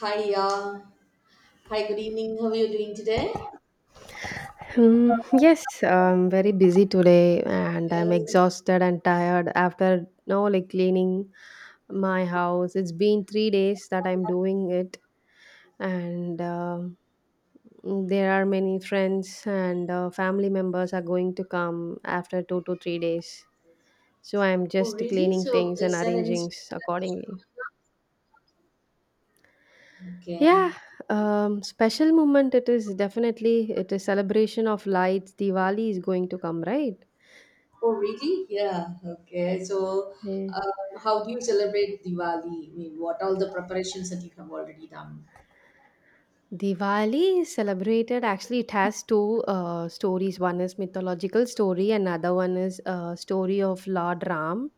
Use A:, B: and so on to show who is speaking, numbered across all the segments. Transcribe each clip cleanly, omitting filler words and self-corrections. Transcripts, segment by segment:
A: Hi, yeah, hi, good evening. How are you doing today?
B: Yes, I'm very busy today and I'm
A: Uh,
B: exhausted and tired after no like cleaning my house. It's been 3 days that I'm doing it, and there are many friends and family members are going to come after 2 to 3 days. So I'm
A: oh,
B: just
A: really?
B: cleaning
A: So,
B: things and
A: is there any
B: arranging
A: special?
B: accordingly.
A: Okay.
B: Yeah, special moment. It is definitely it is celebration of lights. Diwali is going to come, right?
A: Oh, really? Yeah. Okay. So,
B: Yeah.
A: how do you celebrate Diwali? I mean, what all the preparations that you have already done?
B: Diwali is celebrated. Actually, it has two stories. One is mythological story, another one is story of Lord Ram.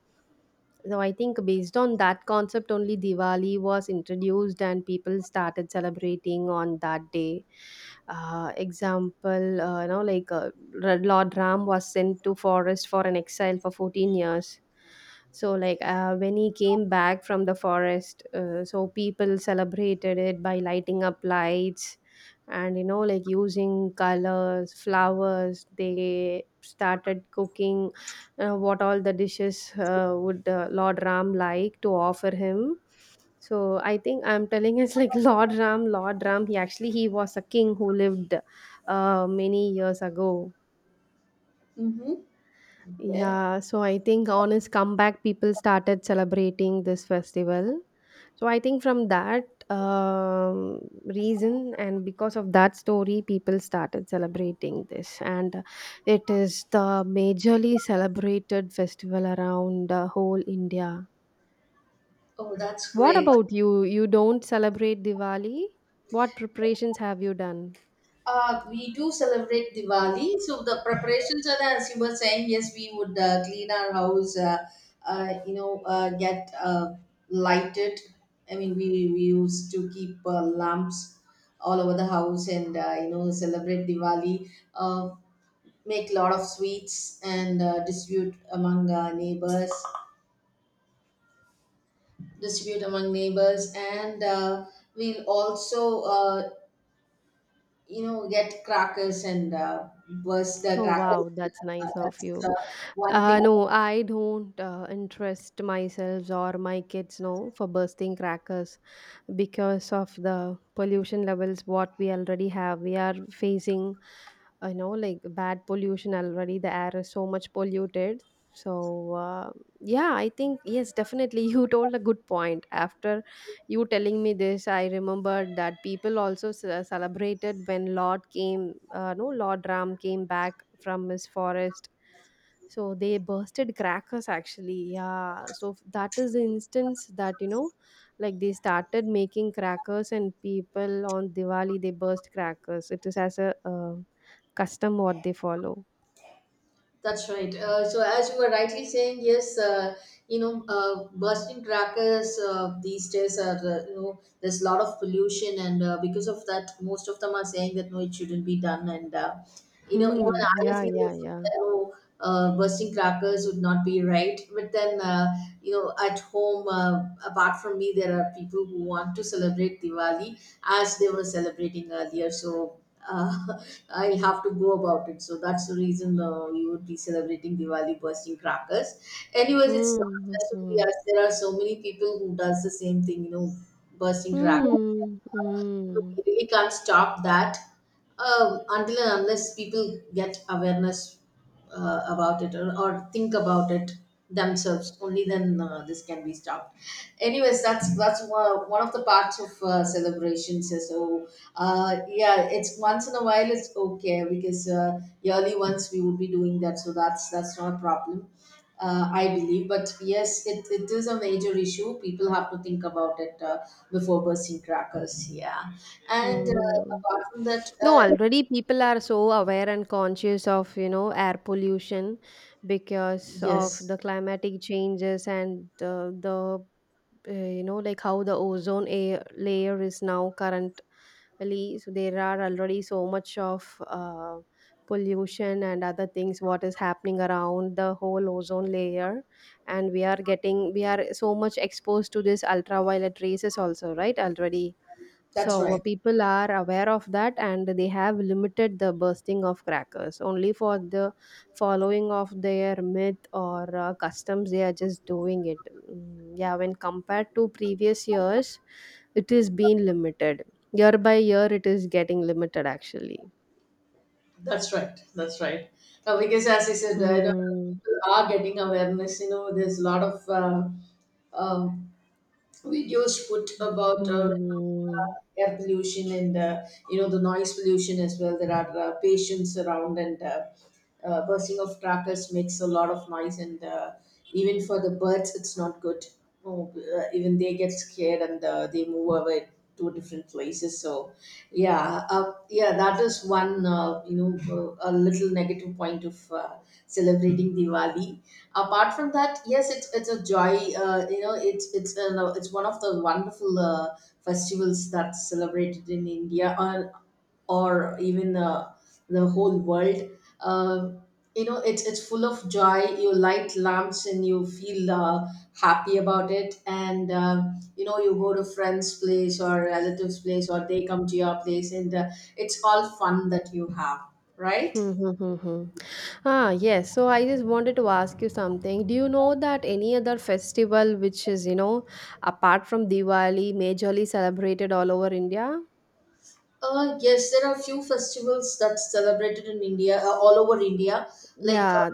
B: So I think based on that concept, only Diwali was introduced and people started celebrating on that day. Example, Lord Ram was sent to forest for an exile for 14 years, so when he came back from the forest, so people celebrated it by lighting up lights, and you know, like using colors, flowers, they started cooking what all the dishes would Lord Ram like to offer him. So I think I'm telling it's like Lord Ram, he actually, he was a king who lived many years ago.
A: Mm-hmm. Okay.
B: Yeah, so I think on his comeback, people started celebrating this festival. So I think from that um, reason and because of that story, people started celebrating this, and it is the majorly celebrated festival around whole India.
A: Oh, that's
B: What
A: great.
B: about you? You don't celebrate Diwali? What preparations have you done?
A: We do celebrate Diwali. So the preparations are that, as you were saying, yes, we would clean our house, get lighted. I mean, we used to keep lamps all over the house and, you know, celebrate Diwali, uh, make a lot of sweets and distribute among neighbors, distribute among neighbors. And we'll also you know get crackers and burst the
B: Oh
A: crackers.
B: wow, that's
A: Uh,
B: nice of
A: that's uh,
B: you.
A: one thing.
B: No, I don't interest myself or my kids, no, for bursting crackers because of the pollution levels what we already have. We are facing, you know, like bad pollution. Already the air is so much polluted, so yeah, I think, yes, definitely you told a good point. After you telling me this, I remembered that people also celebrated when Lord came, no, Lord Ram came back from his forest, so they bursted crackers, actually. Yeah, so that is the instance, that, you know, like they started making crackers and people on Diwali they burst crackers. It is as a custom what they follow.
A: That's right. So as you were rightly saying, yes, you know, bursting crackers these days are, you know, there's a lot of pollution, and because of that, most of them are saying that no, it shouldn't be done, and you know, even
B: Hmm.
A: I
B: Yeah,
A: feel
B: yeah,
A: this,
B: yeah.
A: that oh, bursting crackers would not be right. But then, you know, at home, apart from me, there are people who want to celebrate Diwali as they were celebrating earlier. So uh, I'll have to go about it. So that's the reason you would be celebrating Diwali bursting crackers. Anyways, it's not
B: Hmm.
A: just
B: Hmm.
A: only us. There are so many people who does the same thing. You know, bursting crackers
B: Hmm. Hmm.
A: we really can't stop that until and unless people get awareness about it, or think about it themselves. Only then this can be stopped. Anyways, that's that's one of the parts of celebrations. So yeah, it's once in a while, it's okay, because yearly once we would be doing that, so that's not a problem, I believe. But yes, it is a major issue. People have to think about it before bursting crackers. Yeah. And
B: Hmm.
A: apart from that,
B: No, already people are so aware and conscious of, you know, air pollution because of
A: yes,
B: the climatic changes and you know, like how the ozone air layer is now current really, so there are already so much of pollution and other things what is happening around the whole ozone layer, and we are so much exposed to this ultraviolet rays is also right already.
A: that's
B: So
A: right.
B: people are aware of that and they have limited the bursting of crackers only for the following of their myth or customs they are just doing it. Yeah, when compared to previous years, it is being limited. Year by year it is getting limited actually.
A: That's right. That's right. Because as I said, you know,
B: Hmm.
A: people are getting awareness. You know, there's a lot of um videos put about
B: Hmm.
A: air pollution and, you know, the noise pollution as well. There are patients around and bursting of crackers makes a lot of noise and even for the birds it's not good. Oh, even they get scared and they move away to different places. So yeah, yeah, that is one, you know, a little negative point of celebrating Diwali. Apart from that, yes, it's a joy. You know, it's no, it's one of the wonderful festivals that's celebrated in India, or even the whole world. uh, you know, it's full of joy. You light lamps and you feel happy about it, and you know, you go to friends place or relatives place or they come to your place, and it's all fun that you have, right?
B: Hmm. Hmm. Hmm. Hmm. Hmm. Ah, yes. So I just wanted to ask you something. Do you know that any other festival which is, you know, apart from Diwali, majorly celebrated all over India?
A: Yes, there are a few festivals that's celebrated in India, all over India. Like
B: Yeah.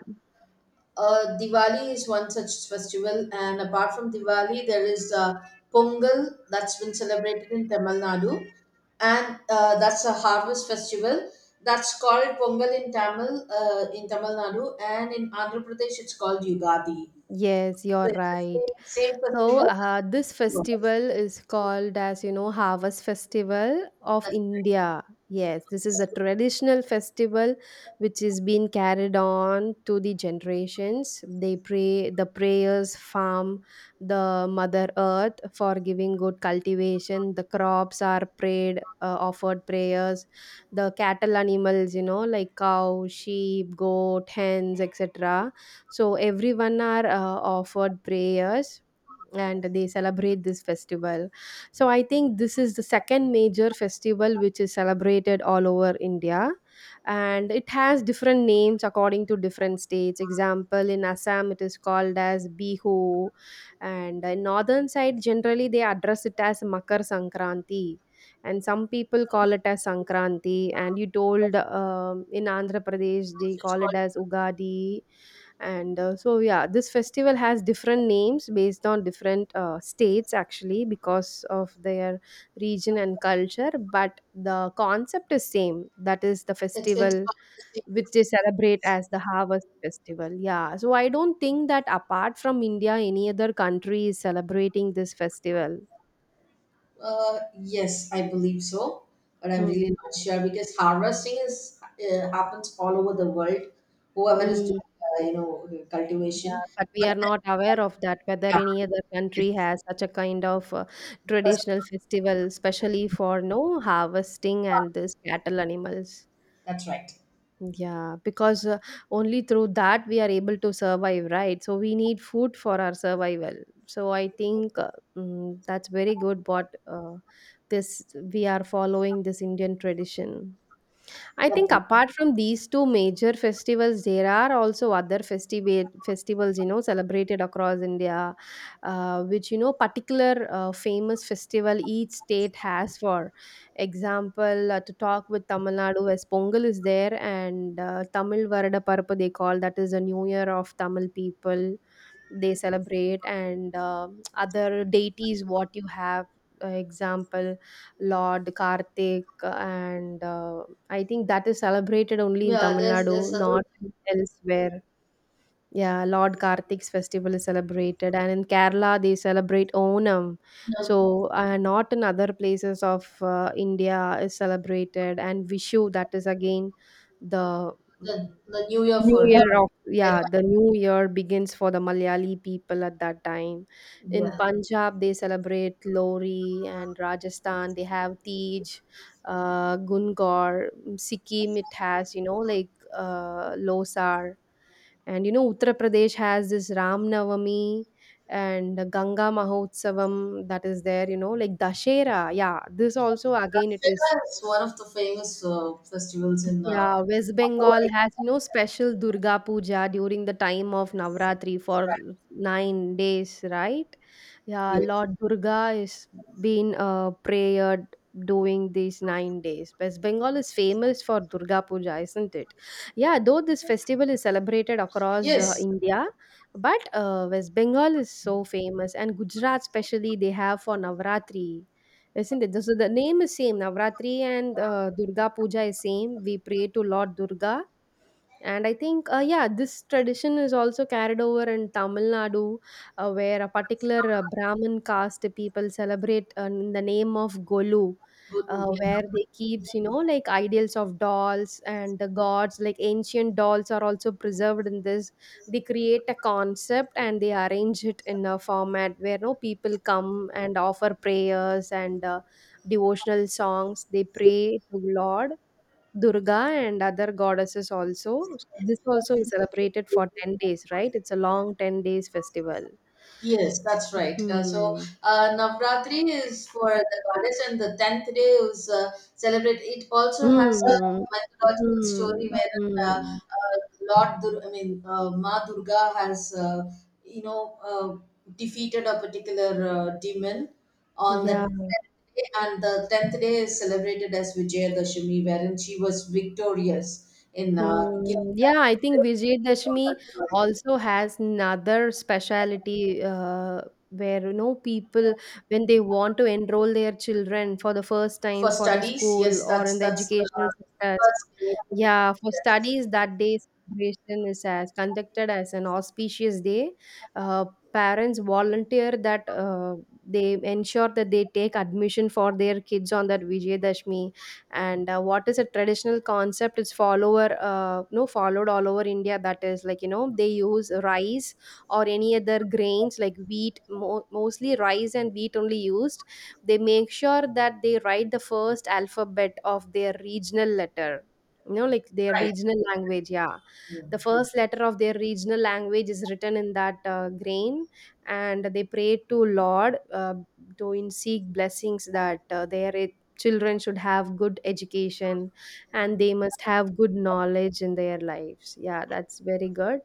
A: Diwali is one such festival, and apart from Diwali, there is Pongal that's been celebrated in Tamil Nadu, and that's a harvest festival. That's called Pongal in Tamil Nadu, and in Andhra Pradesh, it's called Yugadi.
B: Yes, you're
A: So it's the
B: right.
A: same
B: So,
A: festival.
B: this
A: But
B: festival is called as, you know, Harvest Festival of
A: that's right.
B: India. Yes, this is a traditional festival which is being carried on to the generations. They pray the prayers, farm the Mother Earth for giving good cultivation. The crops are prayed, offered prayers. The cattle animals, you know, like cow, sheep, goat, hens, etc., so everyone are offered prayers and they celebrate this festival. So I think this is the second major festival which is celebrated all over India, and it has different names according to different states. Example, in Assam it is called as Bihu, and in northern side generally they address it as Makar Sankranti, and some people call it as Sankranti, and you told, in Andhra Pradesh they
A: It's
B: call it
A: called.
B: as Ugadi. And so yeah, this festival has different names based on different states, actually, because of their region and culture, but the concept is same, that is the
A: It's
B: festival
A: called the same.
B: which they celebrate as the harvest festival. Yeah, so I don't think that apart from India any other country is celebrating this festival.
A: Yes, I believe so, but I'm
B: Hmm.
A: really not sure because harvesting is happens all over the world. Whoever is
B: Hmm.
A: doing, you know, cultivation,
B: Yeah, but we
A: but
B: are
A: then,
B: not aware of that, whether
A: yeah,
B: any other country
A: yes,
B: has such a kind of
A: first,
B: traditional festival, especially for no harvesting and this cattle animals.
A: that's right.
B: Yeah, because only through that we are able to survive, right? So we need food for our survival. So I think that's very good what this we are following this Indian tradition. I
A: That's
B: think
A: right.
B: apart from these two major festivals, there are also other festivals you know, celebrated across India, which, you know, particular famous festival each state has. For example, to talk with Tamil Nadu, as Pongal is there, and Tamil Varada Parappa they call, that is a New Year of Tamil people. They celebrate, and other deities. What you have, example, Lord Karthik, and I think that is celebrated only in
A: Yeah,
B: Tamil
A: there's
B: Nadu,
A: other.
B: not elsewhere. Yeah, Lord Karthik's festival is celebrated, and in Kerala they celebrate Onam.
A: uh,
B: So, not in other places of India is celebrated, and Vishu, that is again the
A: the
B: mm,
A: the New Year
B: New
A: for,
B: Year of,
A: yeah,
B: yeah, the New Year begins for the Malayali people at that time. In
A: yeah.
B: Punjab, they celebrate Lori, and Rajasthan they have Tej, Gungar. Sikkim it has, you know, like Losar, and you know, Uttar Pradesh has this Ram Navami and Ganga Mahotsavam, that is there. You know, like Dashera, yeah. This also again, it is,
A: Dussehra is one of the famous festivals in.
B: yeah, West
A: All over
B: Bengal
A: the
B: has no special Durga Puja during the time of
A: US.
B: Navratri
A: That's
B: for
A: right.
B: 9 days, right? Yeah,
A: Yes.
B: Lord Durga is being prayered during these 9 days. West Bengal is famous for Durga Puja, isn't it? Yeah, though this festival is celebrated across
A: Yes.
B: India, but West Bengal is so famous, and Gujarat, especially, they have for Navratri. Isn't it? The, so the name is same. Navratri and Durga Puja is same. We pray to Lord Durga, and I think, yeah, this tradition is also carried over in Tamil Nadu, where a particular Brahmin caste people celebrate in the name of Golu,
A: Good.
B: where they keeps, you know, like ideals of dolls and the gods, like ancient dolls are also preserved in this. They create a concept and they arrange it in a format where no people come and offer prayers and devotional songs. They pray to Lord Durga and other goddesses also. So this also is celebrated for 10 days, right? It's a long 10 days festival.
A: Yes, that's right.
B: Hmm.
A: Navratri is for the goddess, and the tenth day is celebrate. It also has a
B: Hmm.
A: mythological
B: Hmm.
A: story where
B: Hmm.
A: Lord, Dur-, I mean, Ma Durga has, you know, defeated a particular demon on the
B: Yeah.
A: tenth day, and the tenth day is celebrated as Vijayadashami, wherein she was victorious in
B: Hmm.
A: killing that.
B: Yeah, I think
A: So
B: Vijayadashmi
A: that's why.
B: also has another speciality, where, you know, people, when they want to enroll their children for the first
A: For
B: time for the
A: studies,
B: school
A: yes,
B: or in the
A: that's the
B: educational sectors.
A: first thing.
B: Yeah, for
A: Yes,
B: studies, that day celebration is as conducted as an auspicious day. Uh, Parents volunteer that they ensure that they take admission for their kids on that Vijayadashmi. And what is a traditional concept? It's follower, no, followed all over India. That is like, you know, they use rice or any other grains like wheat, mostly rice and wheat only used. They make sure that they write the first alphabet of their regional letter, you know, like their
A: right.
B: regional language. Yeah,
A: Yeah,
B: the first letter of their regional language is written in that grain, and they pray to Lord, to in seek blessings that their children should have good education and they must have good knowledge in their lives. Yeah, that's very good.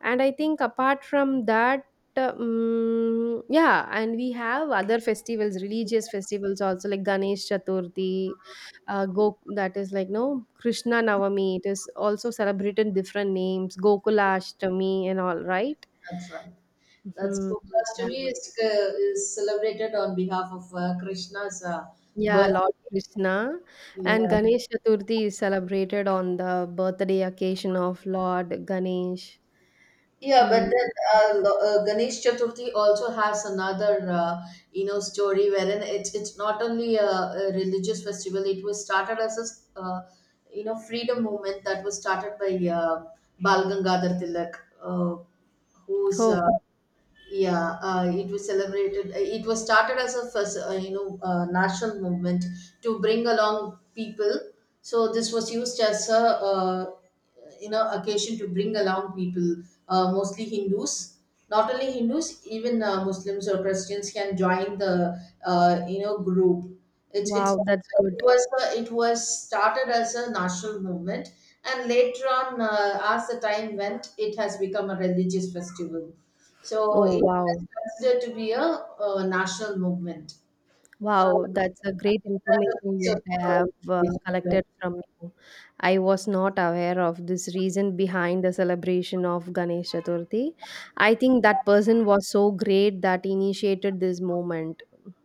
B: And I think apart from that, yeah, and we have other festivals, religious festivals also, like Ganesh Chaturthi, Go that is like, no, Krishna Navami. It is also celebrated different names, Gokula Ashtami and all, right?
A: that's right. That's
B: Mhm. Yeah.
A: Gokulastomi is celebrated on behalf of Krishna's
B: Yeah, Lord
A: birthday.
B: Krishna. And
A: Yeah,
B: Ganesh Chaturthi is celebrated on the birthday occasion of Lord Ganesh.
A: yeah, but then
B: Hmm.
A: Ganesh Chaturthi also has another, you know, story wherein it's not only a religious festival. It was started as a you know, freedom movement that was started by Bal Gangadhar Tilak, uh, who's
B: Oh,
A: yeah, it was celebrated, it was started as a first, you know, national movement to bring along people. So this was used as a you know occasion to bring along people, mostly Hindus. Not only Hindus, even Muslims or Christians can join the you know group. It's
B: wow, that's good.
A: it was started as a national movement, and later on as the time went it has become a religious festival. So
B: Oh,
A: it was
B: wow.
A: considered to be a, national movement. Uh,
B: Wow, that's a
A: that's
B: great
A: a
B: information
A: piece of,
B: what I have
A: uh,
B: collected from you. I was not aware of this reason behind the celebration of Ganesh Chaturthi. I think that person was so great that initiated this moment,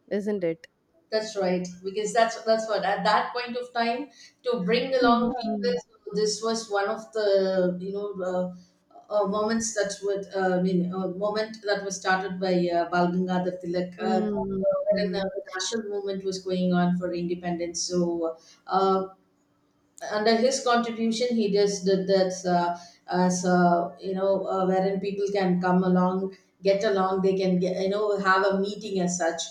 B: isn't it?
A: that's right, because that's what at that point of time to bring along people.
B: Mm-hmm.
A: So this was one of the you know moments that would, I mean, moment that was started by Bal Gangadhar Tilak. When the national movement was going on for independence, so uh, under his contribution he just did that, as you know, wherein people can come along, get along, they can get, you know, have a meeting as such.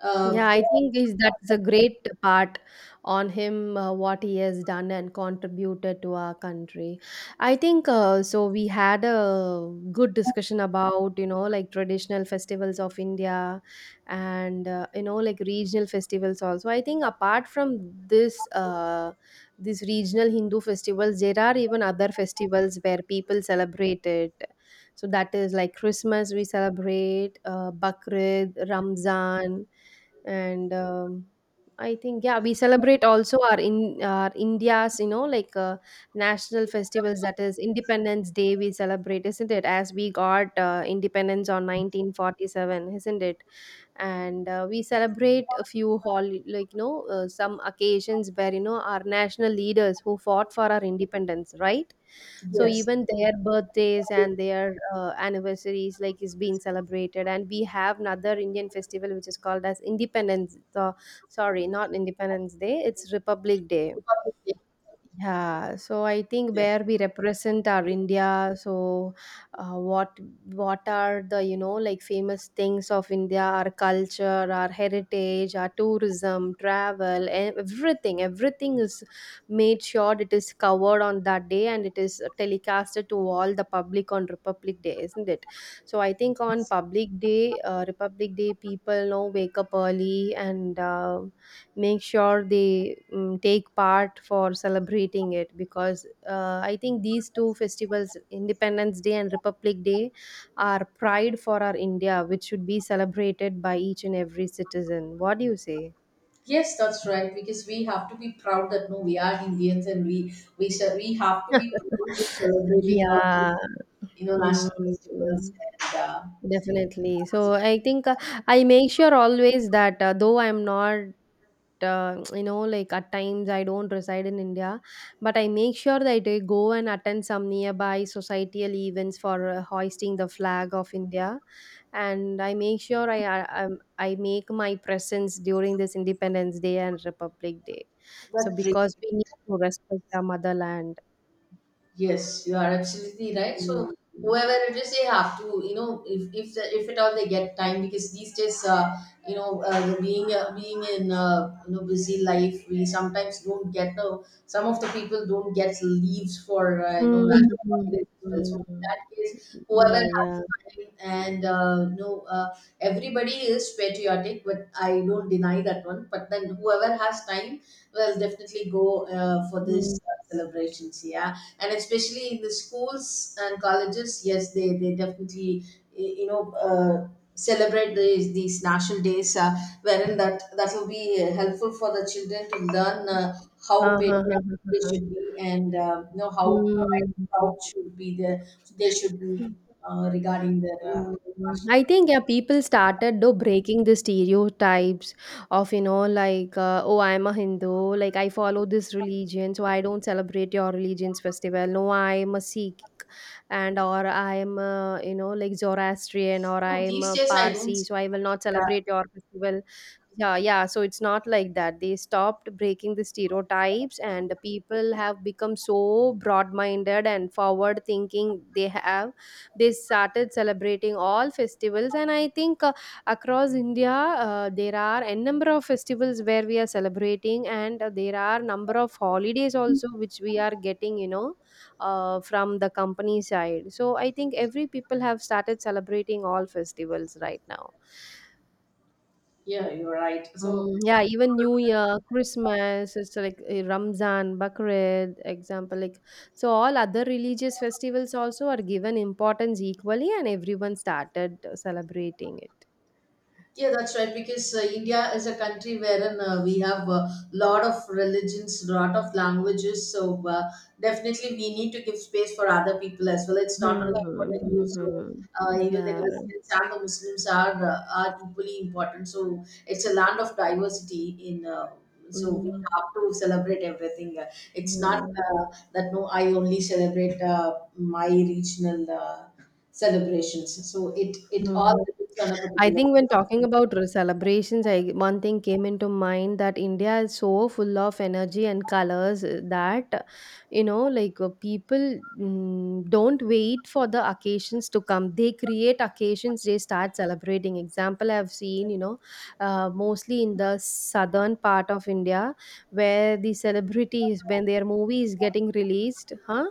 A: uh,
B: Yeah, I think is that's a great part on him, what he has done and contributed to our country. I think so. We had a good discussion about, you know, like traditional festivals of India and, you know, like regional festivals also. I think apart from this, these regional Hindu festivals, there are even other festivals where people celebrate it. So that is like Christmas, we celebrate, Bakrid, Ramzan and I think we celebrate also our in our india's national festivals, that is independence day we celebrate, isn't it, as we got independence on 1947, isn't it. And we celebrate a few some occasions where you know our national leaders who fought for our independence, right? So
A: yes, yes.
B: even their birthdays and their anniversaries like is being celebrated. And we have another indian festival which is called as independence sorry, not independence day, it's republic day. Yeah, so I think where we represent our India. So uh, what what are the you know like famous things of India, our culture, our heritage, our tourism, travel, everything, everything is made sure it is covered on that day, and it is telecasted to all the public on Republic Day, isn't it? So I think on Republic Day, people now wake up early and make sure they take part for celebrating it. Because I think these two festivals, independence day and republic day, are pride for our india, which should be celebrated by each and every citizen. What do you say?
A: Yes, that's right. Because we have to be proud that no, we are Indians, and we shall, we have to be proud in celebrating our,
B: Yeah.
A: you know,
B: Mm,
A: national festivals and
B: definitely.
A: that's
B: So
A: really-.
B: I make sure always that though I'm not you know like at times I don't reside in india, but I make sure that I go and attend some nearby societal events for hoisting the flag of india. And I make sure I make my presence during this independence day and republic day, so because we need to respect our motherland.
A: Yes, you are absolutely right. So
B: Mm.
A: whoever it is, they have to, you know, if at all they get time, because these days, you know, being in, you know, busy life, we sometimes don't get some of the people don't get leaves for, you know. Mhm.
B: Mm,
A: National
B: mm,
A: holidays as well. So in
B: mm.
A: that case, whoever
B: Yeah,
A: has
B: yeah.
A: time, and you know, everybody is patriotic, but I don't deny that one. But then whoever has time will definitely go for
B: Mm.
A: these celebrations. Yeah, and especially in the schools and colleges, yes, they definitely you know, celebrate these national days, wherein that that will be helpful for the children to learn
B: Ha,
A: how
B: ha, ha,
A: patriotic
B: ha, ha,
A: they should
B: ha.
A: be, and you know, how proud should be the they should be,
B: Mm.
A: regarding their
B: Mm,
A: national-.
B: I think yeah, people started though breaking the stereotypes of oh I'm a Hindu, like I follow this religion so I don't celebrate your religion's festival. No, I'm a Sikh, and or I'm a, you know like Zoroastrian, or
A: No,
B: I'm
A: these
B: a
A: days I don't
B: Parsi
A: see
B: so I will not
A: that.
B: celebrate your festival. Yeah, yeah, so it's not like that. They stopped breaking the stereotypes, and the people have become so broad minded and forward thinking. They have they started celebrating all festivals. And I think across india, there are a number of festivals where we are celebrating, and there are number of holidays also which we are getting, you know, from the company side. So I think every people have started celebrating all festivals right now.
A: Yeah, yeah, you're right. So
B: Mm, yeah, even New Year, Christmas, it's like Ramzan, Bakrid, example like. So all other religious festivals also are given importance equally, and everyone started celebrating it.
A: yeah, that's right. Because India is a country wherein we have a lot of religions, lot of languages. So definitely, we need to give space for other people as well. It's not only for
B: Hmm.
A: the
B: Hmm,
A: Hindus. So
B: hmm.
A: even the
B: Yeah.
A: Christians and the Muslims are equally important. So it's a land of diversity. In so we
B: Mm,
A: have to celebrate everything. Uh, It's not
B: mm,
A: uh, that no, I only celebrate my regional celebrations. So it all
B: mm.
A: depends on a
B: I
A: particular.
B: think when talking about celebrations, I one thing came into mind that India is so full of energy and colors that you know, like people don't wait for the occasions to come. They create occasions. They start celebrating. Example I've seen, you know, mostly in the southern part of India, where the celebrities when their movie is getting released, huh?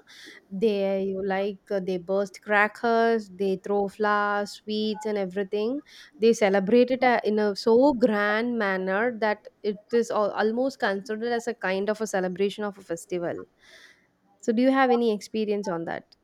B: They like they burst crackers, they throw flowers, sweets, and everything, they celebrate it in a so grand manner that it is almost considered as a kind of a celebration of a festival. So, do you have any experience on that?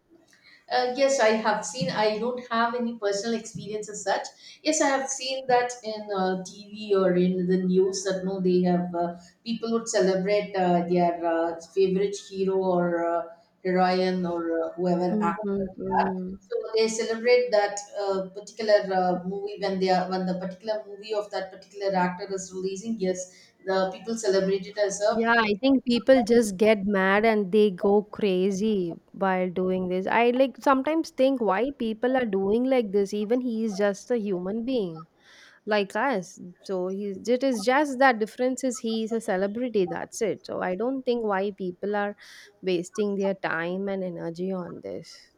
A: Yes, I have seen. I don't have any personal experience as such. Yes, I have seen that in TV or in the news that no, they have people would celebrate their favorite hero or heroine or whoever actor
B: Mm-hmm,
A: they are.
B: mm.
A: So they celebrate that particular movie when they are when the particular movie of that particular actor is releasing. Yes, the people celebrate it as a.
B: Yeah, I think people just get mad and they go crazy while doing this. I like sometimes think why people are doing like this, even he is just a human being, like us. So he's, it is just that difference is he is a celebrity. That's it. So I don't think why people are wasting their time and energy on this.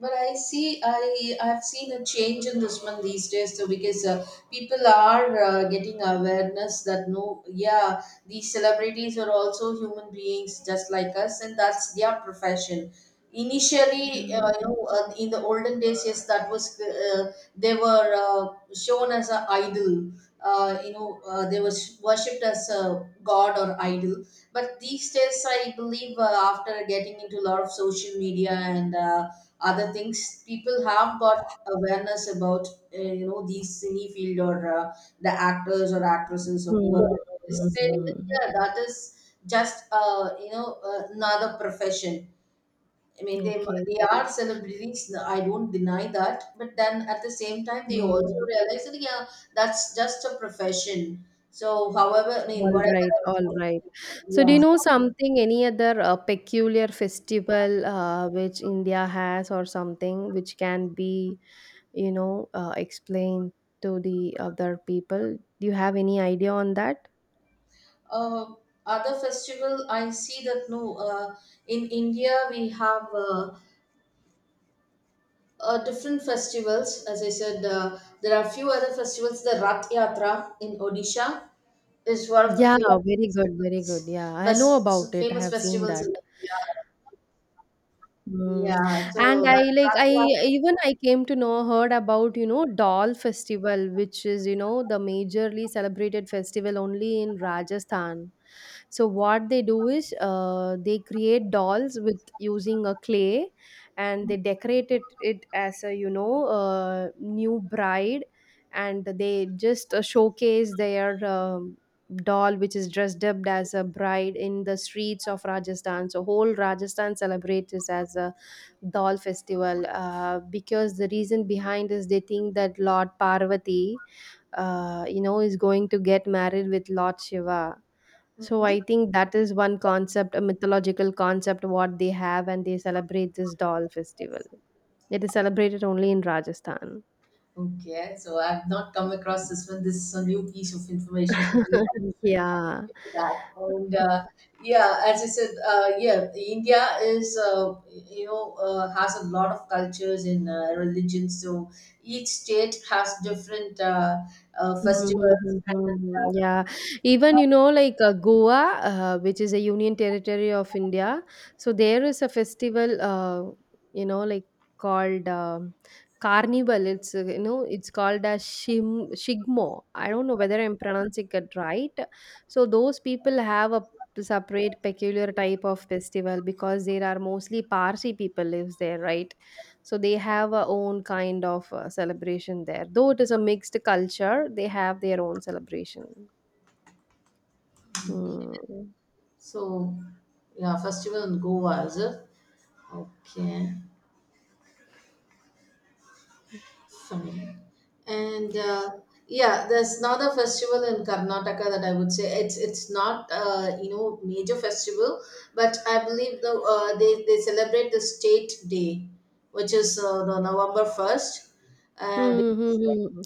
A: But I see, I've seen a change in this one these days too, because people are getting awareness that no, yeah, these celebrities are also human beings just like us, and that's their profession. Initially, you
B: Mhm.
A: know, in the olden days, yes, that was they were shown as an idol. You know, they were worshipped as a god or idol. But these days, I believe, after getting into a lot of social media and other things, people have got awareness about you know, these cine field or the actors or actresses or whoever, still,
B: Mhm.
A: yeah, that is just you know, another profession. I mean,
B: Okay.
A: they are celebrities. I don't deny that, but then at the same time, they also
B: Mm.
A: realize that yeah, that's just a profession. So, however, I mean,
B: All right, all
A: whatever.
B: right. So, do
A: Yeah.
B: you know something, any other peculiar festival which India has, or something which can be, you know, explained to the other people? Do you have any idea on that?
A: uh, Other festival I see that no, in India we have different festivals. As I said, there are few other festivals. The Rath Yatra in Odisha is one of the
B: Yeah,
A: famous
B: very good, very
A: festivals,
B: good. Yeah, I know about it. I
A: famous
B: have seen
A: festivals in
B: that.
A: India.
B: Mm.
A: Yeah,
B: And
A: so that
B: I like
A: Rath
B: I
A: Yatra.
B: even I came to know, heard about you know doll festival, which is you know the majorly celebrated festival only in Rajasthan. So what they do is they create dolls with using a clay, and they decorate it as a you know new bride, and they just showcase their. Doll which is dressed up as a bride in the streets of rajasthan. So whole rajasthan celebrates this as a doll festival, because the reason behind is they think that lord parvati you know is going to get married with lord shiva. So
A: Mhm.
B: I think that is one concept, a mythological concept, what they have, and they celebrate this doll festival. It is celebrated only in Rajasthan.
A: Okay, so I've not come across this one. This is a new piece of information for me.
B: Yeah.
A: That, and yeah, as I said, yeah, India is, you know, has a lot of cultures and religions, so each state has different
B: Mhm,
A: festivals.
B: mhm, mhm, mhm. Yeah, even you know, like Goa, which is a union territory of India, so there is a festival, you know, like called Carnival. It's you know, it's called as Shim Shigmo. I don't know whether I'm pronouncing it right. So those people have a separate peculiar type of festival, because there are mostly Parsi people lives there, right? So they have a own kind of celebration there. Though it is a mixed culture, they have their own celebration. Hmm.
A: So yeah, festival in Goa, is it? Okay. Funny. And yeah, there's another festival in Karnataka that I would say it's not you know, major festival, but I believe the they celebrate the state day, which is the November first. Which
B: Hmm, hmm,
A: is like,
B: hmm, hmm.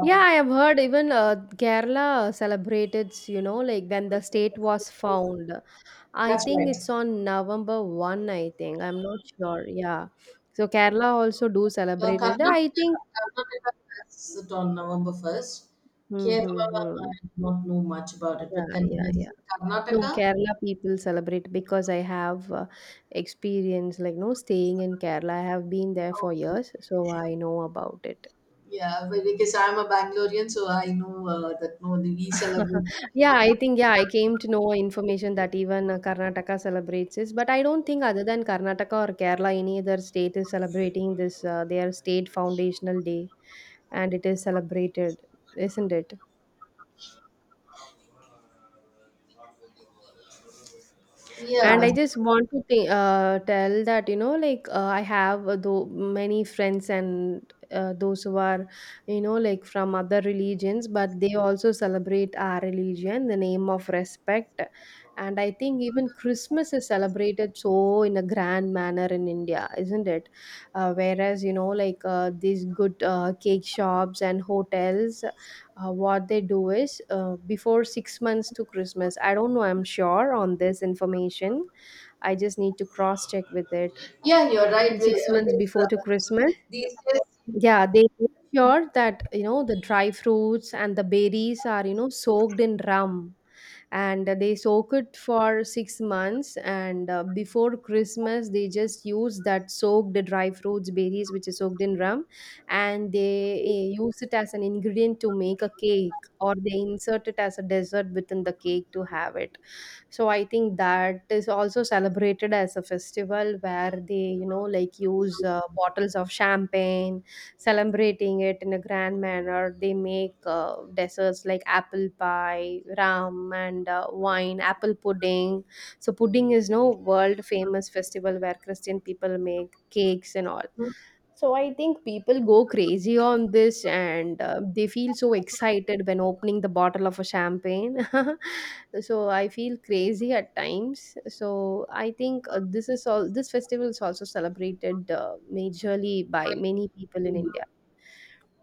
B: Yeah, I have heard even Kerala celebrated, you know, like when the state was found. I
A: that's
B: think
A: right.
B: it's on November 1st, I think. I'm not sure. Yeah. So Kerala also do
A: Uh,
B: celebrate it, I
A: Karnataka,
B: think.
A: Karnataka has it on November first.
B: Hmm,
A: Kerala,
B: hmm, hmm.
A: I do not know much about it,
B: Yeah,
A: but then
B: yeah,
A: yes,
B: yeah. No,
A: Karnataka.
B: Kerala people celebrate, because I have experience like no staying in Kerala. I have been there for years, so I know about it.
A: Yeah, but because I'm a Bangalorean, so I know that no, the, we celebrate.
B: Yeah, I think yeah, I came to know information that even Karnataka celebrates this, but I don't think other than Karnataka or Kerala, any other state is celebrating this their state foundational day, and it is celebrated, isn't it?
A: Yeah,
B: And I just want to tell that, you know, like I have though many friends and those who are, you know, like from other religions, but they also celebrate our religion, the name of respect. And I think even Christmas is celebrated so in a grand manner in India, isn't it? Whereas, you know, like these good cake shops and hotels, what they do is before 6 months to Christmas. I don't know, I'm sure on this information. I just need to cross check with it
A: yeah, you're right.
B: six
A: I
B: months
A: guess
B: before to Christmas.
A: these days,
B: Yeah, they make sure that you know the dry fruits and the berries are you know soaked in rum, and they soak it for 6 months. And before christmas, they just use that soaked dry fruits berries which is soaked in rum, and they use it as an ingredient to make a cake, or they insert it as a dessert within the cake to have it. So I think that is also celebrated as a festival, where they you know like use bottles of champagne, celebrating it in a grand manner. They make desserts like apple pie rum and wine apple pudding. So pudding is no world famous festival where christian people make cakes and all. So I think people go crazy on this, and they feel so excited when opening the bottle of a champagne. So I feel crazy at times. So I think this is all this festival is also celebrated majorly by many people in
A: India.
B: India.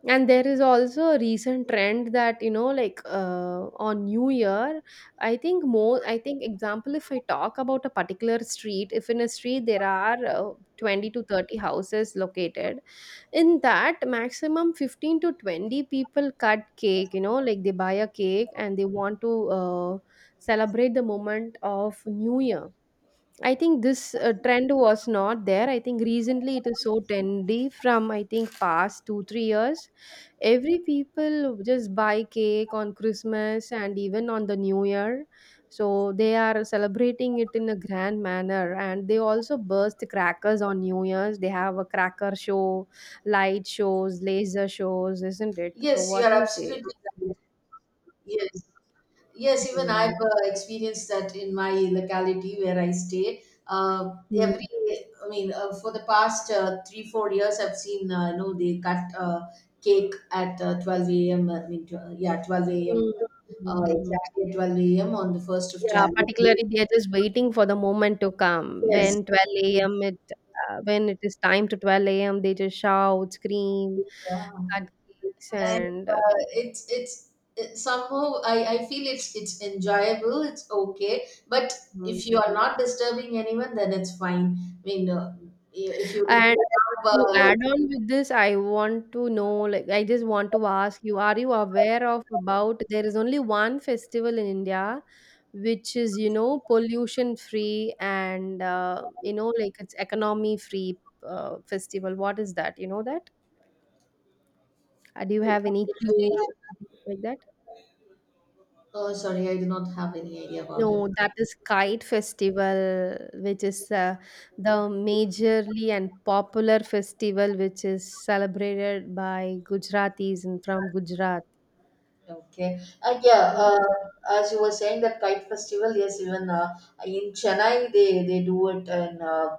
B: And there is also a recent trend that you know like on New Year, I think more, I think example, if I talk about a particular street, if in a street there are 20 to 30 houses located, in that maximum 15 to 20 people cut cake, you know, like they buy a cake and they want to celebrate the moment of New Year. I think this trend was not there. I think recently it is so trendy from I think past 2 3 years. Every people just buy cake on Christmas and even on the new year. So they are celebrating it in a grand manner, and they also burst crackers on new years. They have a cracker show, light shows, laser shows, isn't it? So
A: Yes, you
B: what
A: are
B: do you say?
A: absolutely right. Yes, yes, even I've
B: Mm.
A: uh, experienced that in my locality where I stay. Every,
B: Mm.
A: I mean, for the past three, 4 years, I've seen, you know, they cut cake at 12 a.m. I mean, yeah, 12 a.m.
B: Mm.
A: Exactly at 12 a.m. on the 1st of
B: Yeah,
A: January.
B: particularly they are just waiting for the moment to come.
A: Yes.
B: When 12 a.m. it when it is time to 12 a.m., they just shout, scream,
A: Yeah.
B: cut cakes,
A: And
B: and
A: it's it, somehow I feel it's enjoyable, it's okay, but
B: mm.
A: if you are not disturbing anyone then it's fine. I mean, if
B: And
A: you have
B: to add on with this, I want to know, like, I just want to ask you, are you aware of about there is only one festival in India which is, you know, pollution free, and you know, like it's economy free festival. What is that? You know that? Do you have any clue like that?
A: oh sorry, I do not have any idea about it.
B: No, that is Kite Festival, which is the majorly and popular festival which is celebrated by Gujaratis and from Gujarat.
A: Okay, yeah, as you were saying that kite festival, yes, even in Chennai they do it in,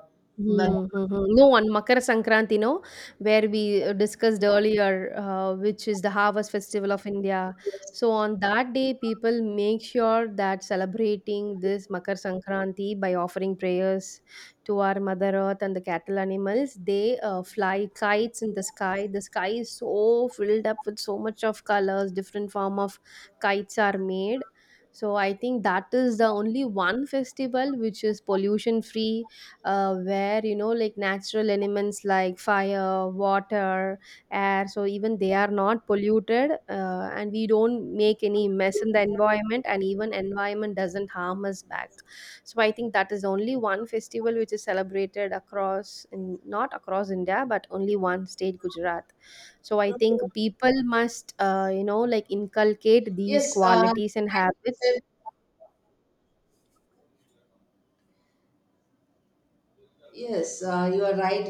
A: Mar-
B: Mhm, mhm. No, on Makara Sankranti, no, where we discussed earlier, which is the harvest festival of India. So on that day, people make sure that celebrating this Makar Sankranti by offering prayers to our Mother Earth and the cattle animals. They fly kites in the sky. The sky is so filled up with so much of colors. Different form of kites are made. So I think that is the only one festival which is pollution free, where you know like natural elements like fire, water, air, so even they are not polluted, and we don't make any mess in the environment, and even environment doesn't harm us back. So I think that is only one festival which is celebrated across in, not across india but only one state gujarat. So I think people must you know like inculcate these
A: yes,
B: qualities and habits.
A: yes, you are right.